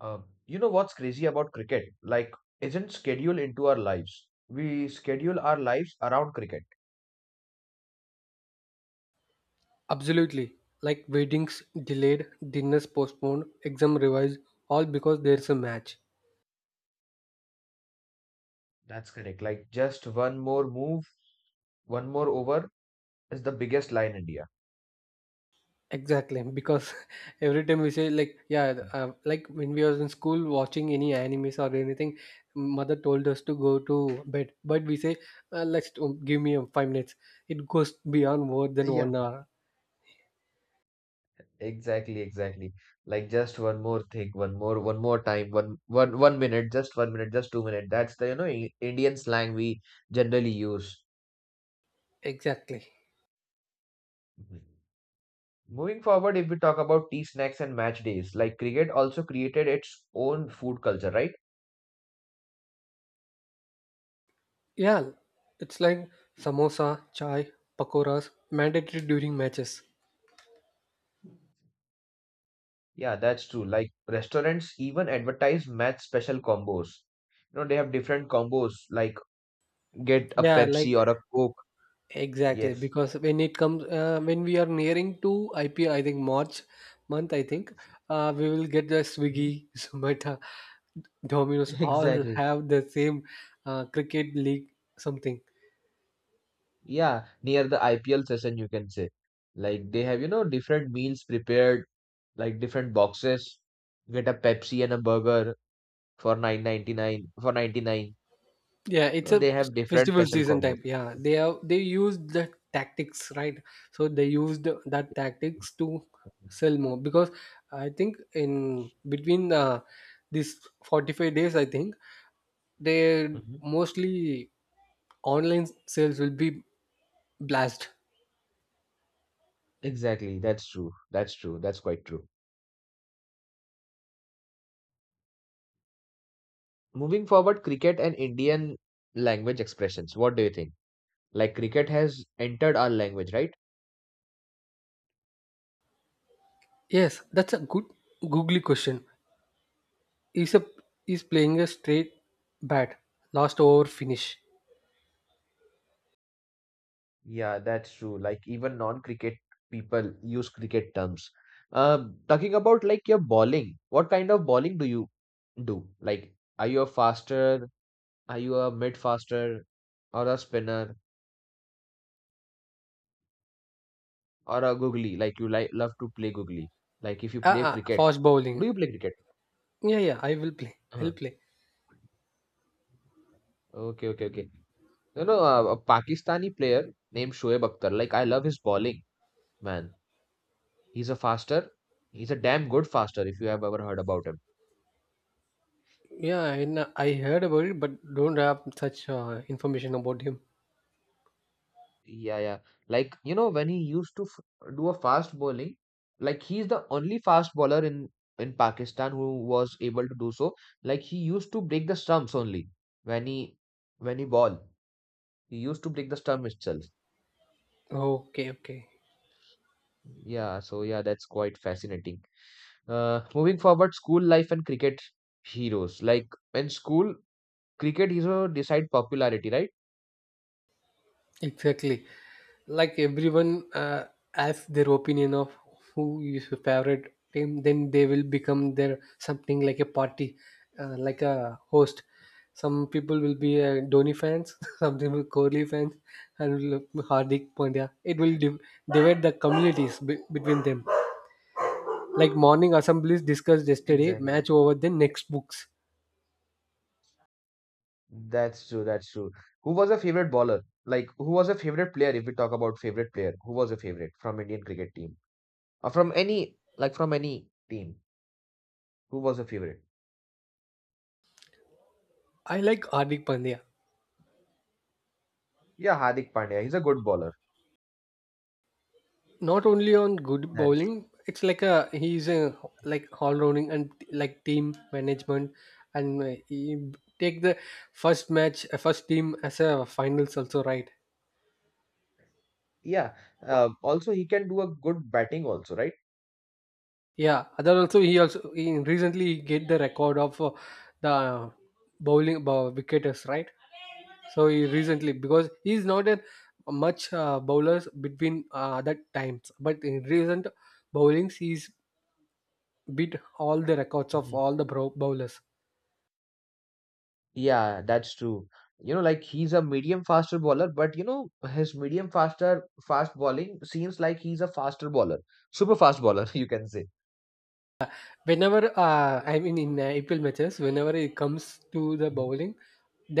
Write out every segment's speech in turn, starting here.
Uh, you know what's crazy about cricket? Like, isn't schedule into our lives? We schedule our lives around cricket. Absolutely. Like weddings delayed, dinners postponed, exam revised, all because there's a match. That's correct. Like just one more move, one more over is the biggest lie in India. Exactly, because every time we say like yeah, like when we was in school watching any animes or anything, mother told us to go to bed, but we say let's give me 5 minutes. It goes beyond more than Yeah. one hour. Exactly, exactly. Like just one more thing, one more time, one, one, one minute, just two minutes. That's the, I- Indian slang we generally use. Exactly. Mhm. Moving forward, if we talk about tea snacks and match days, like cricket also created its own food culture, right? Yeah, it's like samosa, chai, pakoras mandatory during matches. Yeah, that's true. Like restaurants even advertise match special combos. You know, they have different combos, like get a Yeah, like. Pepsi or a Coke. Exactly, Yes. because when it comes, when we are nearing to IPO, I think March month, I think we will get the Mhm. Swiggy, Zomato, Domino's, all Exactly. have the same cricket league something. Yeah, near the IPL session, you can say. Like they have, you know, different meals prepared, like different boxes. Get a Pepsi and a burger for 9.99, for 99. Yeah, it's No, a they have different festival special season combos. type. Yeah, they use the tactics, right? So they used that tactics to sell more because I think in between these 45 days, I think they Mhm. mostly online sales will be Blast. Exactly. That's true. That's true. That's quite true. Moving forward, cricket and Indian language expressions. What do you think? Like cricket has entered our language, right? Yes, that's a good googly question. Is a is playing a straight bat, last over finish. Yeah, that's true. Like even non-cricket people use cricket terms. Talking about like your bowling, what kind of bowling do you do? Like, are you a faster? Are you a mid faster or a spinner or a googly? Like you like love to play googly. Like if you Ah, play ah, cricket, fast do bowling. you play cricket? Yeah, yeah, I will play. Uh-huh. I'll play. Okay, okay, okay. You know, a Pakistani player named Shoaib Akhtar. Like, I love his bowling, man. He's a faster. He's a damn good faster if you have ever heard about him. I heard about it, but don't have such information about him. Yeah, yeah. Like, you know, when he used to f do a fast bowling, like he's the only fast bowler in Pakistan who was able to do so. Like he used to break the stumps only when he when he ball. He used to break the stump itself. Okay, okay, Yeah, so yeah, that's quite fascinating. Moving forward, school life and cricket heroes. Like in school, cricket is a decide popularity, right? exactly. Like everyone has their opinion of who is your favorite team, then they will become their something like a party, like a host. Some people will be Dhoni fans, some people will Kohli fans, and will Hardik Pandya. It will divide the communities between them, like morning assemblies discussed yesterday Exactly. match over the next books. That's true. That's true. Who was a favorite bowler? Like, who was a favorite player? If we talk about favorite player, who was a favorite from Indian cricket team or from any like from any team? Who was a favorite? I like Hardik Pandya, Yeah, Hardik Pandya. He's a good bowler. not only on good That's bowling, it's like a he's a like all rounding and like team management, and he take the first match, first team as a finals also, right? yeah. Also, he can do a good batting also, right? Yeah, other also, he also, he recently he get the record of the wicketers, right? So he recently because he's not a much bowlers between other times, but in recent bowlings he's beat all the records of Mhm. all the bowlers. Yeah, that's true. You know, like he's a medium faster bowler, but you know, his medium faster fast bowling seems like he's a faster bowler, super fast bowler, you can say. Whenever I mean in IPL matches, whenever it comes to the Mhm. bowling,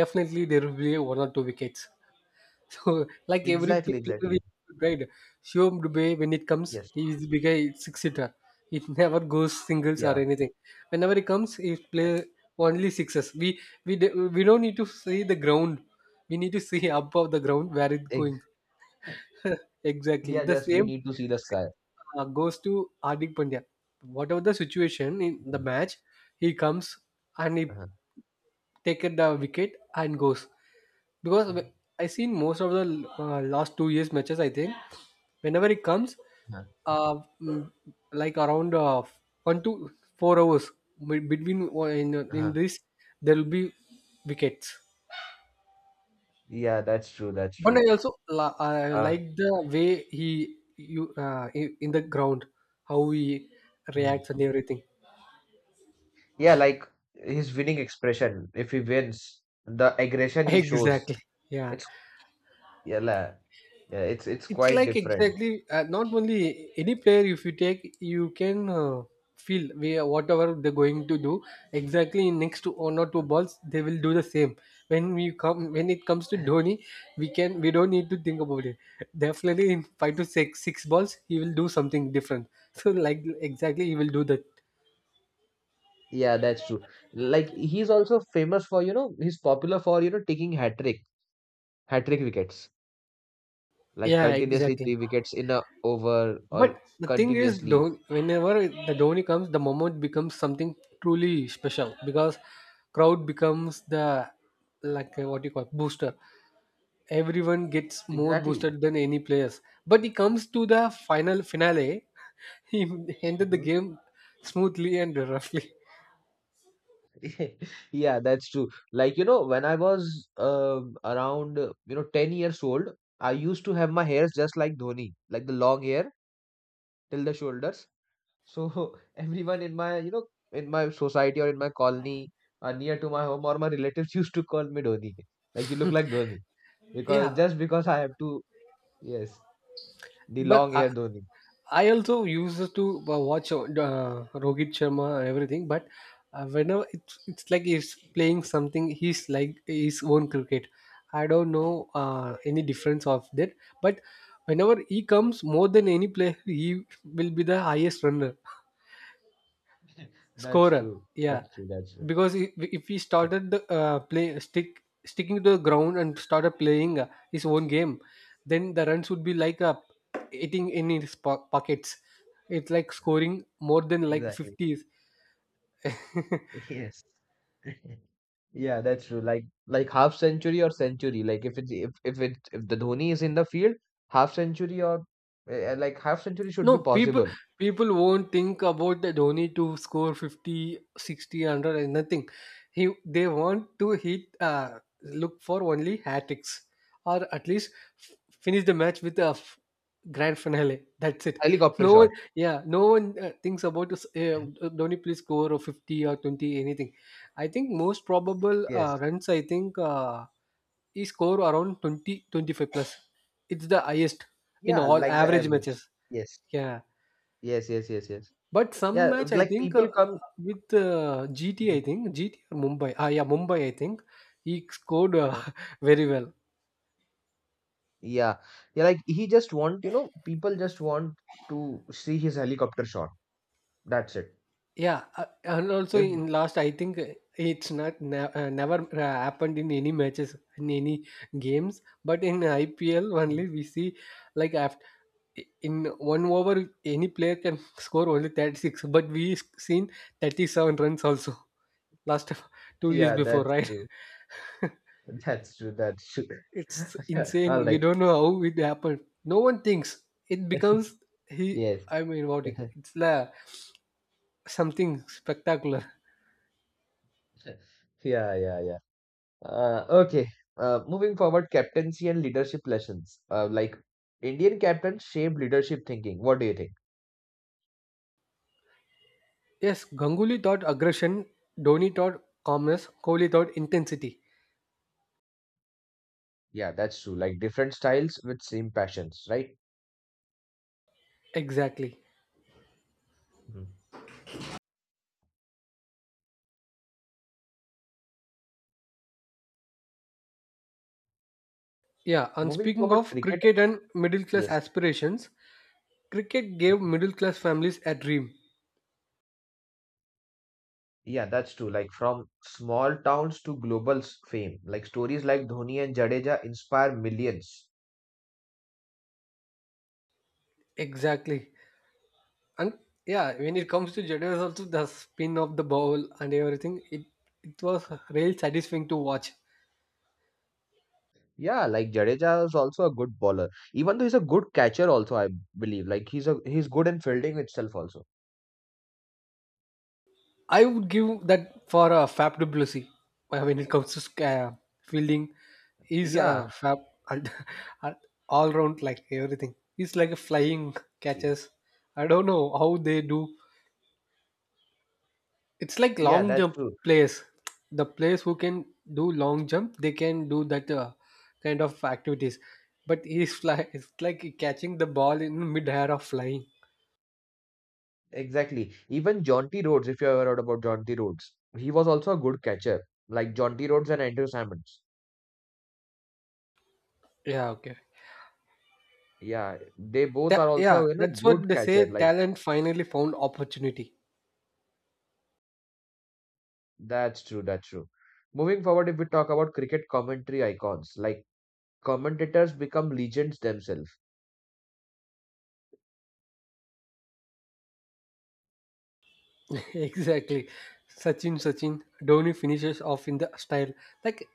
definitely there will be one or two wickets. So like every Exactly, player we exactly. tried, Shivam Dubey, when it comes, Yes. he is big guy six hitter. It never goes singles or Yeah. anything. Whenever he comes, he play only sixes. We d- we don't need to see the ground. We need to see above the ground where it going. Ex Exactly Yeah, the just we same need to see the sky. same, goes to Hardik Pandya. Whatever the situation in the Mhm. match, he comes and he Huh. take it the wicket and goes, because Mhm. I seen most of the last 2 years matches, I think whenever he comes, Uh-huh. uh, mm, like around 1 to 4 hours, between Uh-huh. in this there will be wickets, Yeah, that's true. That's but I true. also I Uh, like the way he in the ground how he mm. reacts and everything. Yeah, like his winning expression, if he wins, the aggression he shows, Exactly. Yeah, it's yeah, yeah, it's it's quite like different. exactly not only any player. If you take, you can feel where whatever they're going to do. Exactly in next to one or two Uh, balls, they will do the same. When it comes to Dhoni, we don't need to think about it. Definitely in five to six six balls, he will do something different. So like exactly, he will do that. Yeah, that's true. Like he's also famous for, you know, he's popular for, you know, taking hat trick wickets, like Yeah, continuously three exactly. wickets in a over But or the thing is, continuously. though, whenever the Dhoni comes, the moment becomes something truly special, because crowd becomes the like what you call booster. Everyone gets more Exactly. boosted than any players. But he comes to the final finale. He ended the Mhm. game smoothly and roughly. Yeah, that's true. Like, you know, when I was around, you know, 10 years old, I used to have my hairs just like Dhoni, like the long hair till the shoulders. So everyone in my, you know, in my society or in my colony or near to my home or my relatives used to call me Dhoni. Like, you look like Dhoni because Yeah, just because I have to, yes, the but long hair Dhoni. I also used to watch Rohit Sharma and everything. But whenever it's like he's playing something, he's like his own cricket. I don't know any difference of that. But whenever he comes more than any player, he will be the highest runner That's scorer, true. yeah, That's true. That's true. because if he started the play sticking to the ground and started playing his own game, then the runs would be like hitting in his pockets. It's like scoring more than like Exactly. 50s. Yes. Yeah, that's true. Like half century or century. Like if it's if the Dhoni is in the field, half century or like half century should be No, possible. people won't think about the Dhoni to score 50, 60, 100 and nothing. He they want to hit look for only hat tricks, or at least finish the match with a grand finale. That's it. Helicopter No one, shot. yeah, no one thinks about this, Dhoni please score or 50 or 20 anything. I think most probable Yes. runs, I think, he score around 20, 25 plus. It's the highest in Yeah, all like the average average. matches. Yes. Yeah, Yes, yes, yes, yes. but some Yeah, match I like think, people come. with GT, I Mhm. think GT or Mumbai. Ah, yeah, Mumbai. I think he scored Uh-huh. very well. Yeah. Yeah, like he just want, you know, people just want to see his helicopter shot. That's it. Yeah, and also If in last, I think, it's not never happened in any matches in any games, but in IPL only we see like after. In one over, any player can score only 36, but we seen 37 runs also last 2 years Yeah, before, that's right? true. That's true. That's true. It's All insane. We right. don't know how it happened. No one thinks it becomes he. Yes. I mean, what it's like something spectacular. Yeah, yeah, yeah. Okay. Moving forward, captaincy and leadership lessons. Like Indian captains shape leadership thinking. What do you think? Yes, Ganguly thought aggression, Dhoni thought calmness, Kohli thought intensity. Yeah, that's true. Like different styles with same passions, right? Exactly. Mhm. Yeah, and Moving speaking forward, of cricket. cricket and middle class Yes. aspirations, cricket gave middle class families a dream. Yeah, that's true. Like from small towns to global fame, like stories like Dhoni and Jadeja inspire millions. Exactly. And yeah, when it comes to Jadeja, also the spin of the ball and everything, it was really satisfying to watch. Yeah, like Jadeja is also a good bowler. Even though he's a good catcher also, I believe. Like he's good in fielding itself also. I would give that for Fab du Plessis. When it comes to fielding, he's Yeah. Fab all round like everything. He's like a flying y- catches. I don't know how they do. It's like Yeah, long that's jump true. players. The players who can do long jump, they can do that kind of activities. But he's fly. It's like catching the ball in mid air or flying. Exactly. Even Jaunty Rhodes, if you ever heard about Jaunty Rhodes, he was also a good catcher. Like Jaunty Rhodes and Andrew Simons. Yeah. Okay. Yeah, they both are also, Yeah. you know, That's what good they catcher. say. Like Talent finally found opportunity. that's true, that's true. Moving forward, if we talk about cricket commentary icons, like commentators become legends themselves. Exactly. Sachin, Sachin. Dhoni finishes off in the style. Like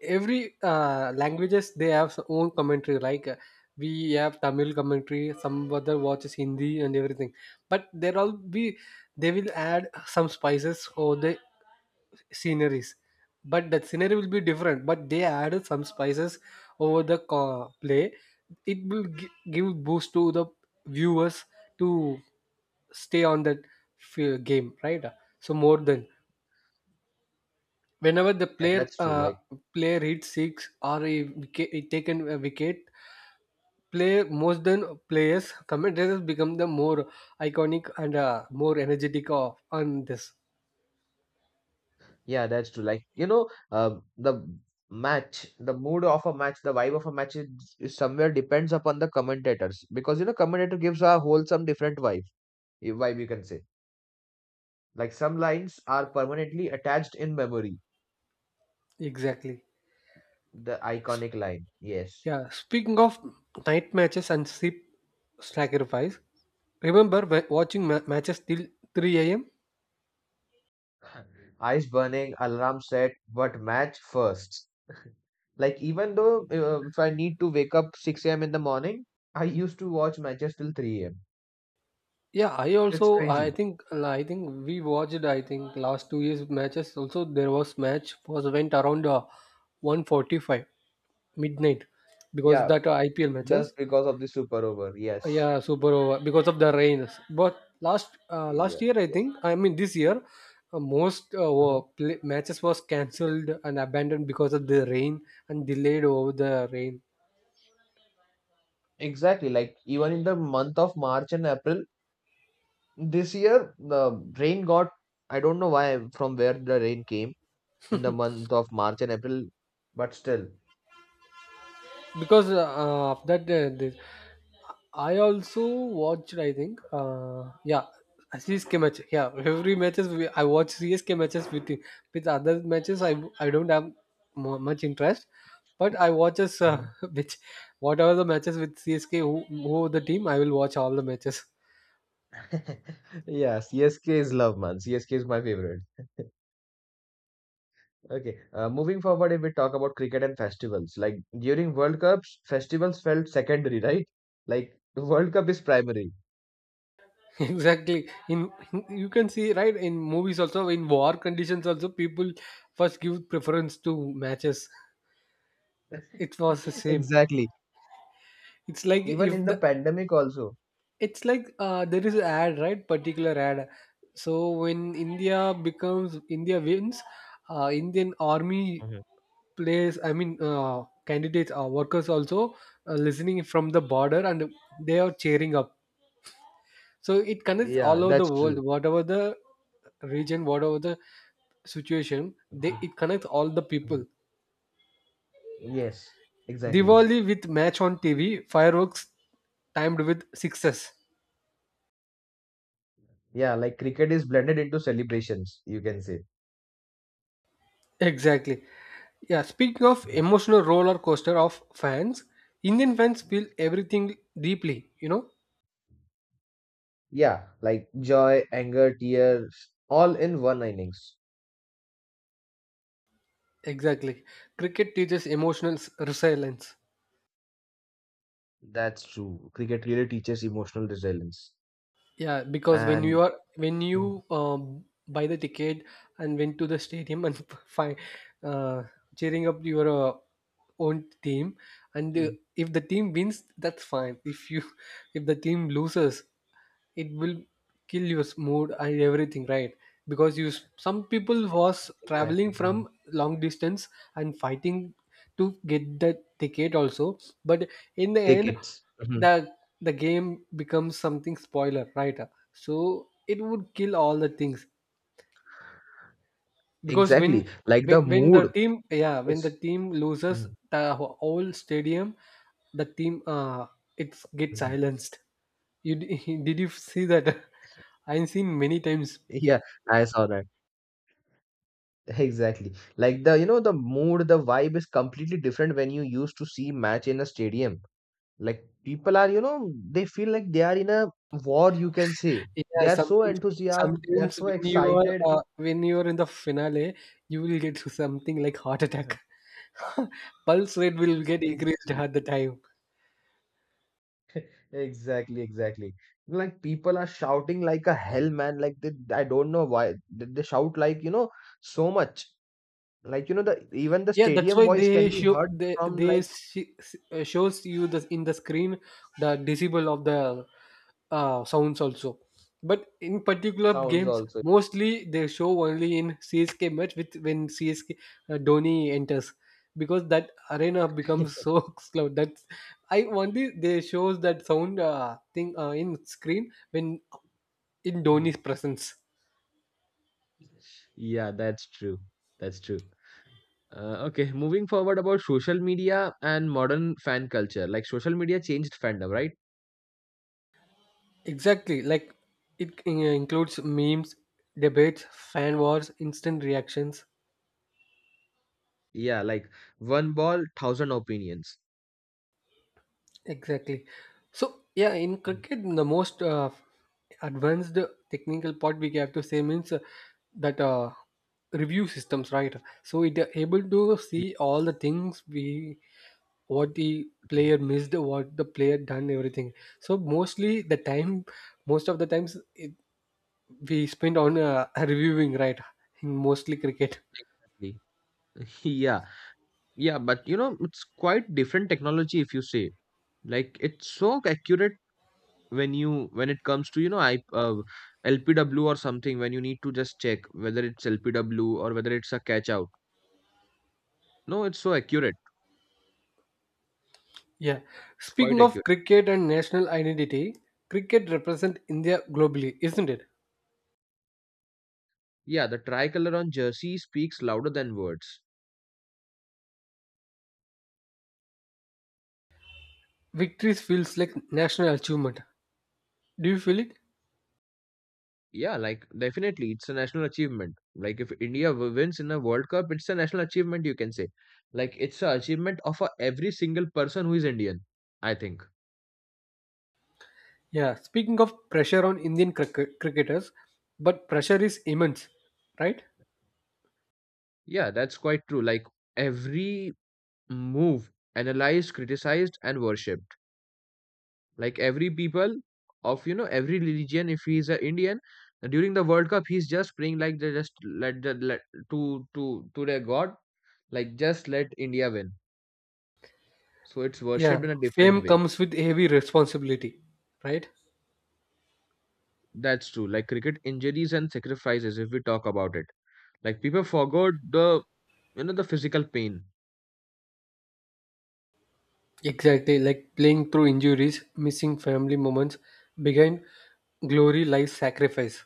every languages they have own commentary, like we have tamil commentary, some other watches hindi and everything, but there all be they will add some spices or the sceneries, but that scenery will be different, but they added some spices over the play. It will give boost to the viewers to stay on that game, right? So more than whenever the Yeah, player that's true. Like player hits six or a wicket, he taken a wicket play, most than players, commentators become the more iconic and more energetic of on this, yeah, that's true. Like, you know, the match, the mood of a match, the vibe of a match is somewhere depends upon the commentators because, you know, commentator gives a whole some different vibe, vibe you can say. Like some lines are permanently attached in memory. exactly. The S- iconic line, yes. yeah, speaking of night matches and sleep sacrifice, remember watching matches till 3 a.m. Eyes burning, alarm set, but match first. Like even though if I need to wake up 6 a.m. in the morning, I used to watch matches till 3 a.m. Yeah, I It's also, I crazy. think, I think we watched, I think last 2 years matches also, there was match was went around 145 midnight, because Yeah, that IPL just matches. because of the super over. Yes. Yeah, super over because of the rains. But last Yeah. last year, I Yes. think I mean this year, most uh were matches was cancelled and abandoned because of the rain and delayed over the rain. Exactly. Like even in the month of March and April this year, the rain got, I don't know why, from where the rain came in the month of March and April, but still. Because of that this, I also watched. I think yeah. CSK match, yeah. Every matches we, I watch CSK matches with other matches. I don't have mu much interest, but I watches Mhm. Which whatever the matches with CSK who the team, I will watch all the matches. Yeah, CSK is love, man. CSK is my favorite. Okay, Moving forward, if we talk about cricket and festivals, like during World Cups, festivals felt secondary, right? Like the World Cup is primary. Exactly. In you can see, right, in movies also, in war conditions also, people first give preference to matches. It was the same. Exactly. It's like Even if in the the pandemic also. it's like there is an ad, right, particular ad. So when india becomes, india wins, indian army Mhm. plays, I mean, candidates, workers also listening from the border and they are cheering up. So it connects Yeah, all over the that's world, true. whatever the region, whatever the situation they, Mhm, it connects all the mhm. people. Yes, exactly. Diwali with match on tv, fireworks timed with success. Yeah, like cricket is blended into celebrations, you can say. Exactly. Yeah, speaking of Mhm. emotional roller coaster of fans, Indian fans feel everything deeply, you know? Yeah, like joy, anger, tears, all in one innings. Exactly. Cricket teaches emotional resilience. That's true. Cricket really teaches emotional resilience. Yeah, because when And you are when Mhm, you buy the ticket and went to the stadium and find uh, cheering up your own team, and mhm. if the team wins, that's fine. If you if the team loses, it will kill your mood and everything, right? Because some people was traveling Exactly. Mhm. from long distance and fighting to get the ticket also, but in the end Tickets. Mhm. the the game becomes something spoiler, right? So it would kill all the things. Because Exactly. when Like when the when the mood team, yeah, when the is team loses, Mhm, the whole stadium, the team, it gets mhm. silenced. Did you see that? I've seen many times. Yeah, I saw that. Exactly. Like the, you know, the mood, the vibe is completely different when you used to see match in a stadium. Like people are, you know, they feel like they are in a war, you can say. They Yeah, are so sometimes, enthusiastic, they are sometimes so excited. When you are in the finale, you will get something like heart Uh-huh. attack. pulse rate will get Ex- increased at the time. Exactly, exactly. Like people are shouting like a hell, man. Like I don't know why they shout like, you know, so much. Like, you know, the even the Yeah, that's stadium why voice can they be show heard they, from they like sh- uh, shows you the in the screen the decibel of the sounds also. But in particular sounds games, also. mostly they show only in CSK match with when CSK Dhoni enters, because that arena becomes so loud. That's I only, they shows that sound thing in screen when in Mhm. Dhoni's presence. Yeah, that's true. That's true. Okay, moving forward about social media and modern fan culture. Like social media changed fandom, right? Exactly, like it includes memes, debates, fan wars, instant reactions. Yeah, like one ball, thousand opinions. Exactly. So yeah, in Mhm. cricket, the most advanced technical part we have to say means that review systems, right? So it are able to Yeah, see all the things we, what the Mhm. player missed, what the player done, everything. So most of the times we spend on reviewing, right? In mostly cricket. Exactly. Yeah, yeah, but you know, it's quite different technology if you say. Like it's so accurate when you when it comes to you know I LPW or something when you need to just check whether it's LPW or whether it's a catch out. No, it's so accurate. Yeah. It's quite Speaking of accurate. cricket and national identity, cricket represents India globally, isn't it? Yeah, the tricolor on jersey speaks louder than words. Victories feels like national achievement. Do you feel it? Yeah, like definitely, it's a national achievement. Like if India wins in a World Cup, it's a national achievement. You can say, like it's a achievement of a, every single person who is Indian. I think. Yeah. Speaking of pressure on Indian cricketers, but pressure is immense, right? Yeah, that's quite true. Like every move analyzed, criticized, and worshipped. Like every people of you know every religion. If he is a Indian during the World Cup, he's just praying like they just let the let to their God. Like just let India win. So it's worshipped in Yeah. a different Fame way. comes with heavy responsibility, right? That's true. Like cricket injuries and sacrifices, if we talk about it. Like people forgot the you know the physical pain. Exactly. Like playing through injuries, missing family moments, behind glory lies sacrifice.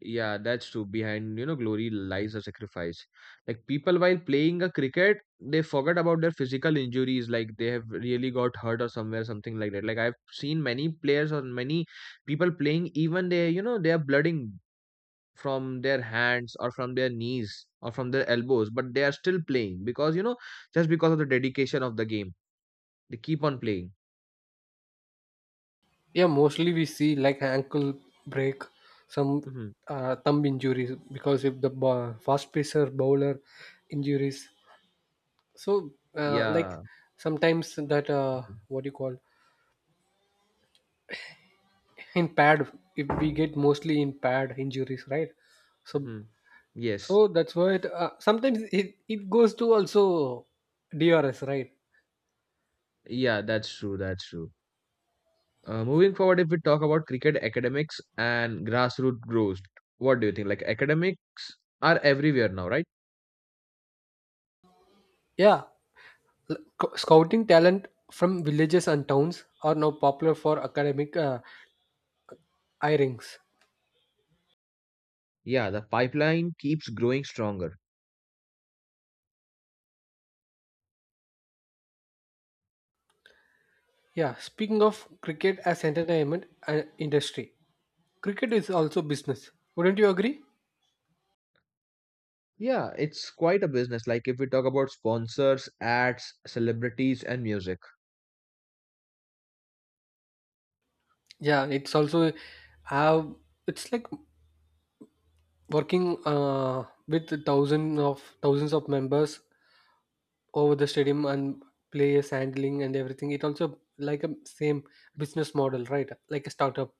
Yeah, that's true. Behind you know glory lies a sacrifice. Like people while playing a cricket, they forget about their physical injuries. Like they have really got hurt or somewhere something like that. Like I've seen many players or many people playing. Even they you know they are blooding from their hands or from their knees or from their elbows but they are still playing because you know just because of the dedication of the game they keep on playing. Yeah, mostly we see like ankle break, some Hmm. Thumb injuries, because if the fast pacer bowler injuries. So like Yeah. sometimes that Hmm. what do you call, in pad, if we get mostly in pad injuries, right? So, Hmm. Yes. so that's why sometimes it goes to also DRS, right? Yeah, that's true, that's true. Moving forward, if we talk about cricket academics and grassroots growth, what do you think? Like academics are everywhere now, right? Yeah, scouting talent from villages and towns are now popular for academic hirings. Yeah, the pipeline keeps growing stronger. Yeah, speaking of cricket as entertainment and industry, cricket is also business. Wouldn't you agree? Yeah, it's quite a business like if we talk about sponsors ads celebrities and music. Yeah, it's also have it's like working with thousands of members over the stadium and players handling and everything. It also like a same business model, right? Like a startup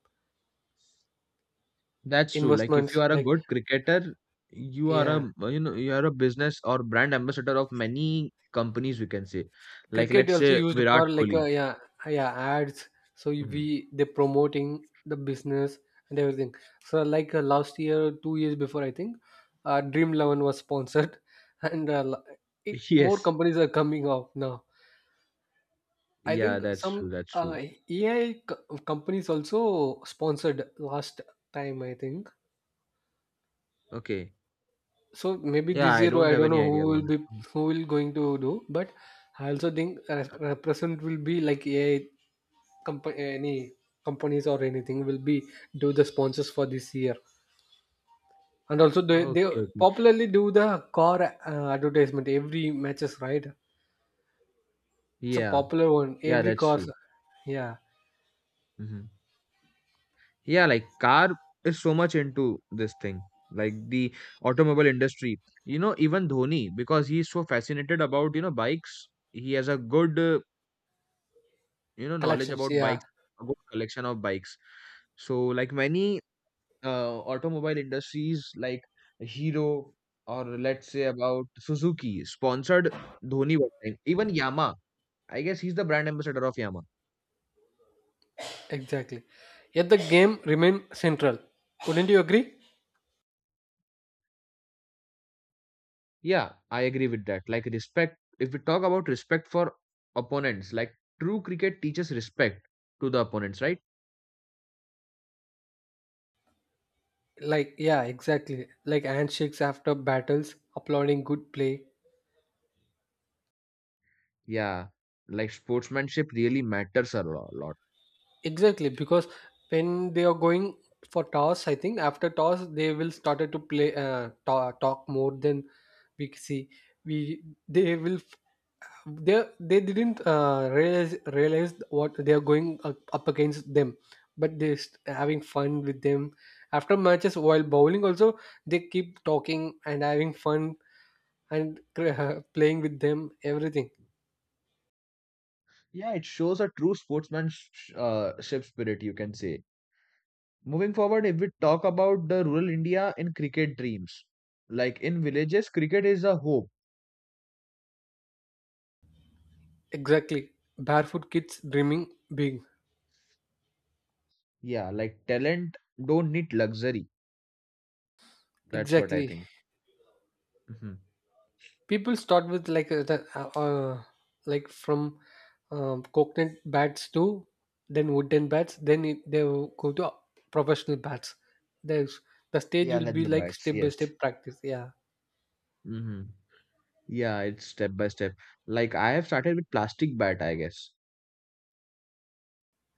That's true. Like if investments, you are a like good cricketer, you are yeah. a you know you are a business or brand ambassador of many companies, we can say, like Cricket let's also say used Virat for like Kohli. Yeah ads. So Mhm. we they promoting the business and everything. So like last year, 2 years before, I think, Dream 11 was sponsored, and it more Yes. companies are coming up now. I Yeah, think that's true. some That's true. AI companies also sponsored last time. I think Okay. so. Maybe Yeah, this I year, don't I have don't any know who idea about will be, it. Mm. who will going to do, but I also think represent will be like AI comp- any companies or anything will be do the sponsors for this year. And also Okay. they Okay. popularly do the car advertisement every matches, right? It's a Yeah. popular one, Yeah, every that's car. true. Yeah, Hmm. Yeah, like car is so much into this thing, like the automobile industry. You know, even Dhoni, because he is so fascinated about bikes. He has a good knowledge collections, about yeah. bikes, a good collection of bikes. So like many automobile industries like Hero, or let's say about Suzuki, sponsored Dhoni one time. Even Yamaha, I guess he's the brand ambassador of Yamaha. Exactly, yet the game remain central, wouldn't you agree? Yeah, I agree with that. Like respect, if we talk about respect for opponents, like true cricket teaches respect to the opponents, right? Like yeah, exactly, like handshakes after battles, applauding good play. Yeah, like sportsmanship really matters a lot. Exactly, because when they are going for toss, I think after toss they will started to play ta talk more than we see. We they will They didn't realize what they are going up against them, but they having fun with them. After matches, while bowling also, they keep talking and having fun and playing with them everything. Yeah, it shows a true sportsmanship, ship spirit, you can say. Moving forward, if we talk about the rural India in cricket dreams, like in villages, cricket is a hope. Exactly, barefoot kids dreaming big. Yeah, like talent don't need luxury. That's what I Exactly, think. Hmm. people start with like like from coconut bats to then wooden bats, then they will go to professional bats. There's the stage Yeah, will be leather like bats. step by Yes. step practice, yeah. Hmm. Yeah, it's step by step. Like I have started with plastic bat, I guess.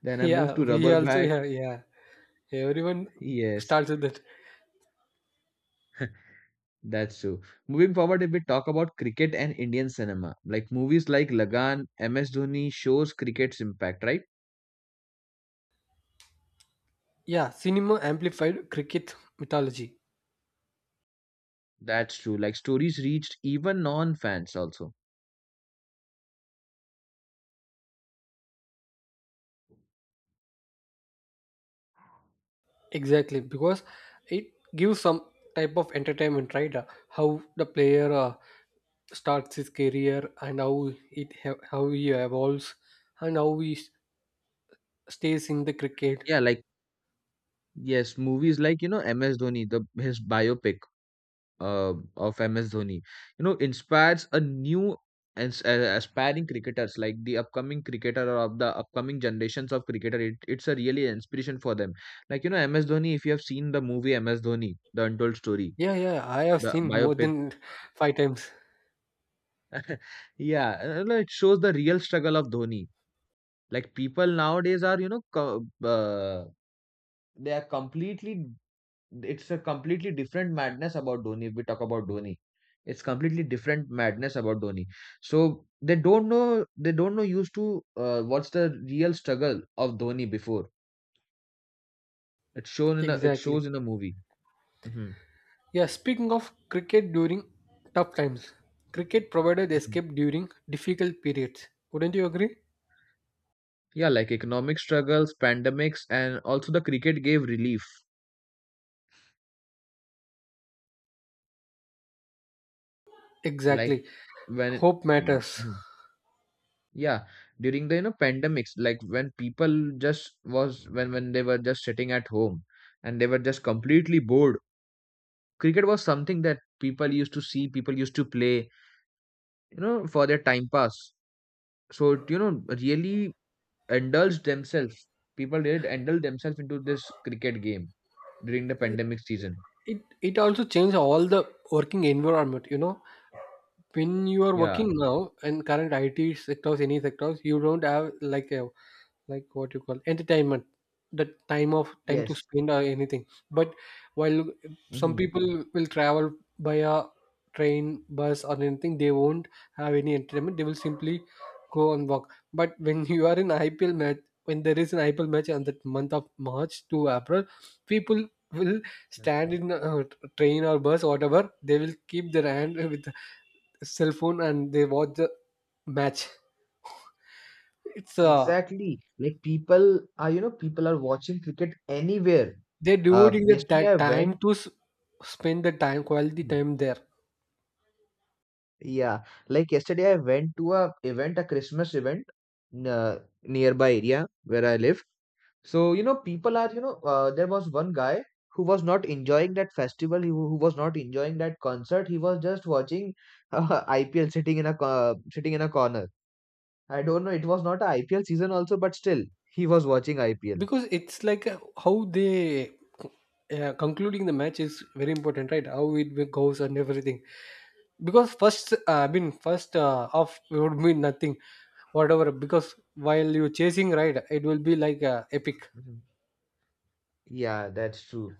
Then I moved yeah, to we rubber also, bat. yeah, yeah, everyone Yes. starts with that. That's true. Moving forward, if we talk about cricket and Indian cinema, like movies like Lagan, MS Dhoni shows cricket's impact, right? Yeah, cinema amplified cricket mythology. That's true. Like stories reached even non-fans also. Exactly, because it gives some type of entertainment, right? How the player starts his career, and how how he evolves and how he stays in the cricket. Yeah, like yes, movies like MS Dhoni, the his biopic of MS Dhoni, you know, inspires a new and aspiring cricketers, like the upcoming cricketer or of the upcoming generations of cricketer. It's a really inspiration for them. Like you know MS Dhoni, if you have seen the movie MS Dhoni, The Untold Story, Yeah, yeah, I have the seen more biopic, than five times. yeah, and, you it shows the real struggle of Dhoni. Like people nowadays are you know co- they are completely it's a completely different madness about Dhoni. If we talk about Dhoni, it's completely different madness about Dhoni. So they don't know. They don't know used to what's the real struggle of Dhoni before. It's shown in a. It Exactly. shows in a movie. Hmm. Yeah, speaking of cricket during tough times, cricket provided Mhm. escape during difficult periods. Wouldn't you agree? Yeah, like economic struggles, pandemics, and also the cricket gave relief. Like Exactly. when it, Hope mm, matters. mhm, yeah, during the you know pandemics, like when people just was when they were just sitting at home and they were just completely bored. Cricket was something that people used to see, people used to play, you know, for their time pass. So it, you know, really indulged themselves. People did indulge themselves into this cricket game during the pandemic season. It also changed all the working environment, you know. When you are Yeah. working now in current IT sectors, any sectors, you don't have like a, like what you call entertainment, the time of time to Yes. spend or anything. But while some Mhm. people will travel by a train, bus or anything, they won't have any entertainment. They will simply go and walk. But when you are in IPL match, when there is an IPL match on that month of March to April, people will stand in a train or bus, whatever, they will keep their hand with the cell phone and they watch the match. It's a, Exactly. Like people are, you know, people are watching cricket anywhere. they're devoting the, Yesterday I that time went, to spend the time, quality mhm, time there. yeah, like yesterday I went to a event, a Christmas event, nearby area where I live. So, you know, people are, you know, there was one guy who was not enjoying that festival, who was not enjoying that concert. He was just watching IPL, sitting in a corner. I don't know. It was not a IPL season also, but still, he was watching IPL. Because it's like how they concluding the match is very important, right? How it will goes and everything. Because first, I mean, first off would mean nothing, whatever. Because while you're chasing, right, it will be like epic. Mhm. Yeah, that's true.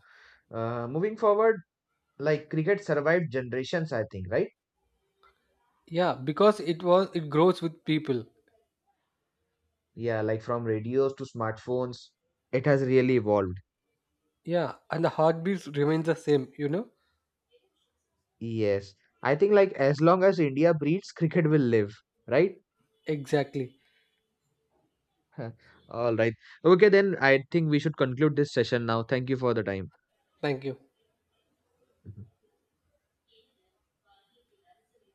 Moving forward, like cricket survived generations, I think, right? Yeah, because it was, it grows with people. Yeah, like from radios to smartphones, it has really evolved. Yeah, and the heartbeats remains the same. You know, Yes. I think like as long as India breeds, cricket will live, right? exactly. All right. Okay, then I think we should conclude this session now. Thank you for the time. Thank you. Mm-hmm.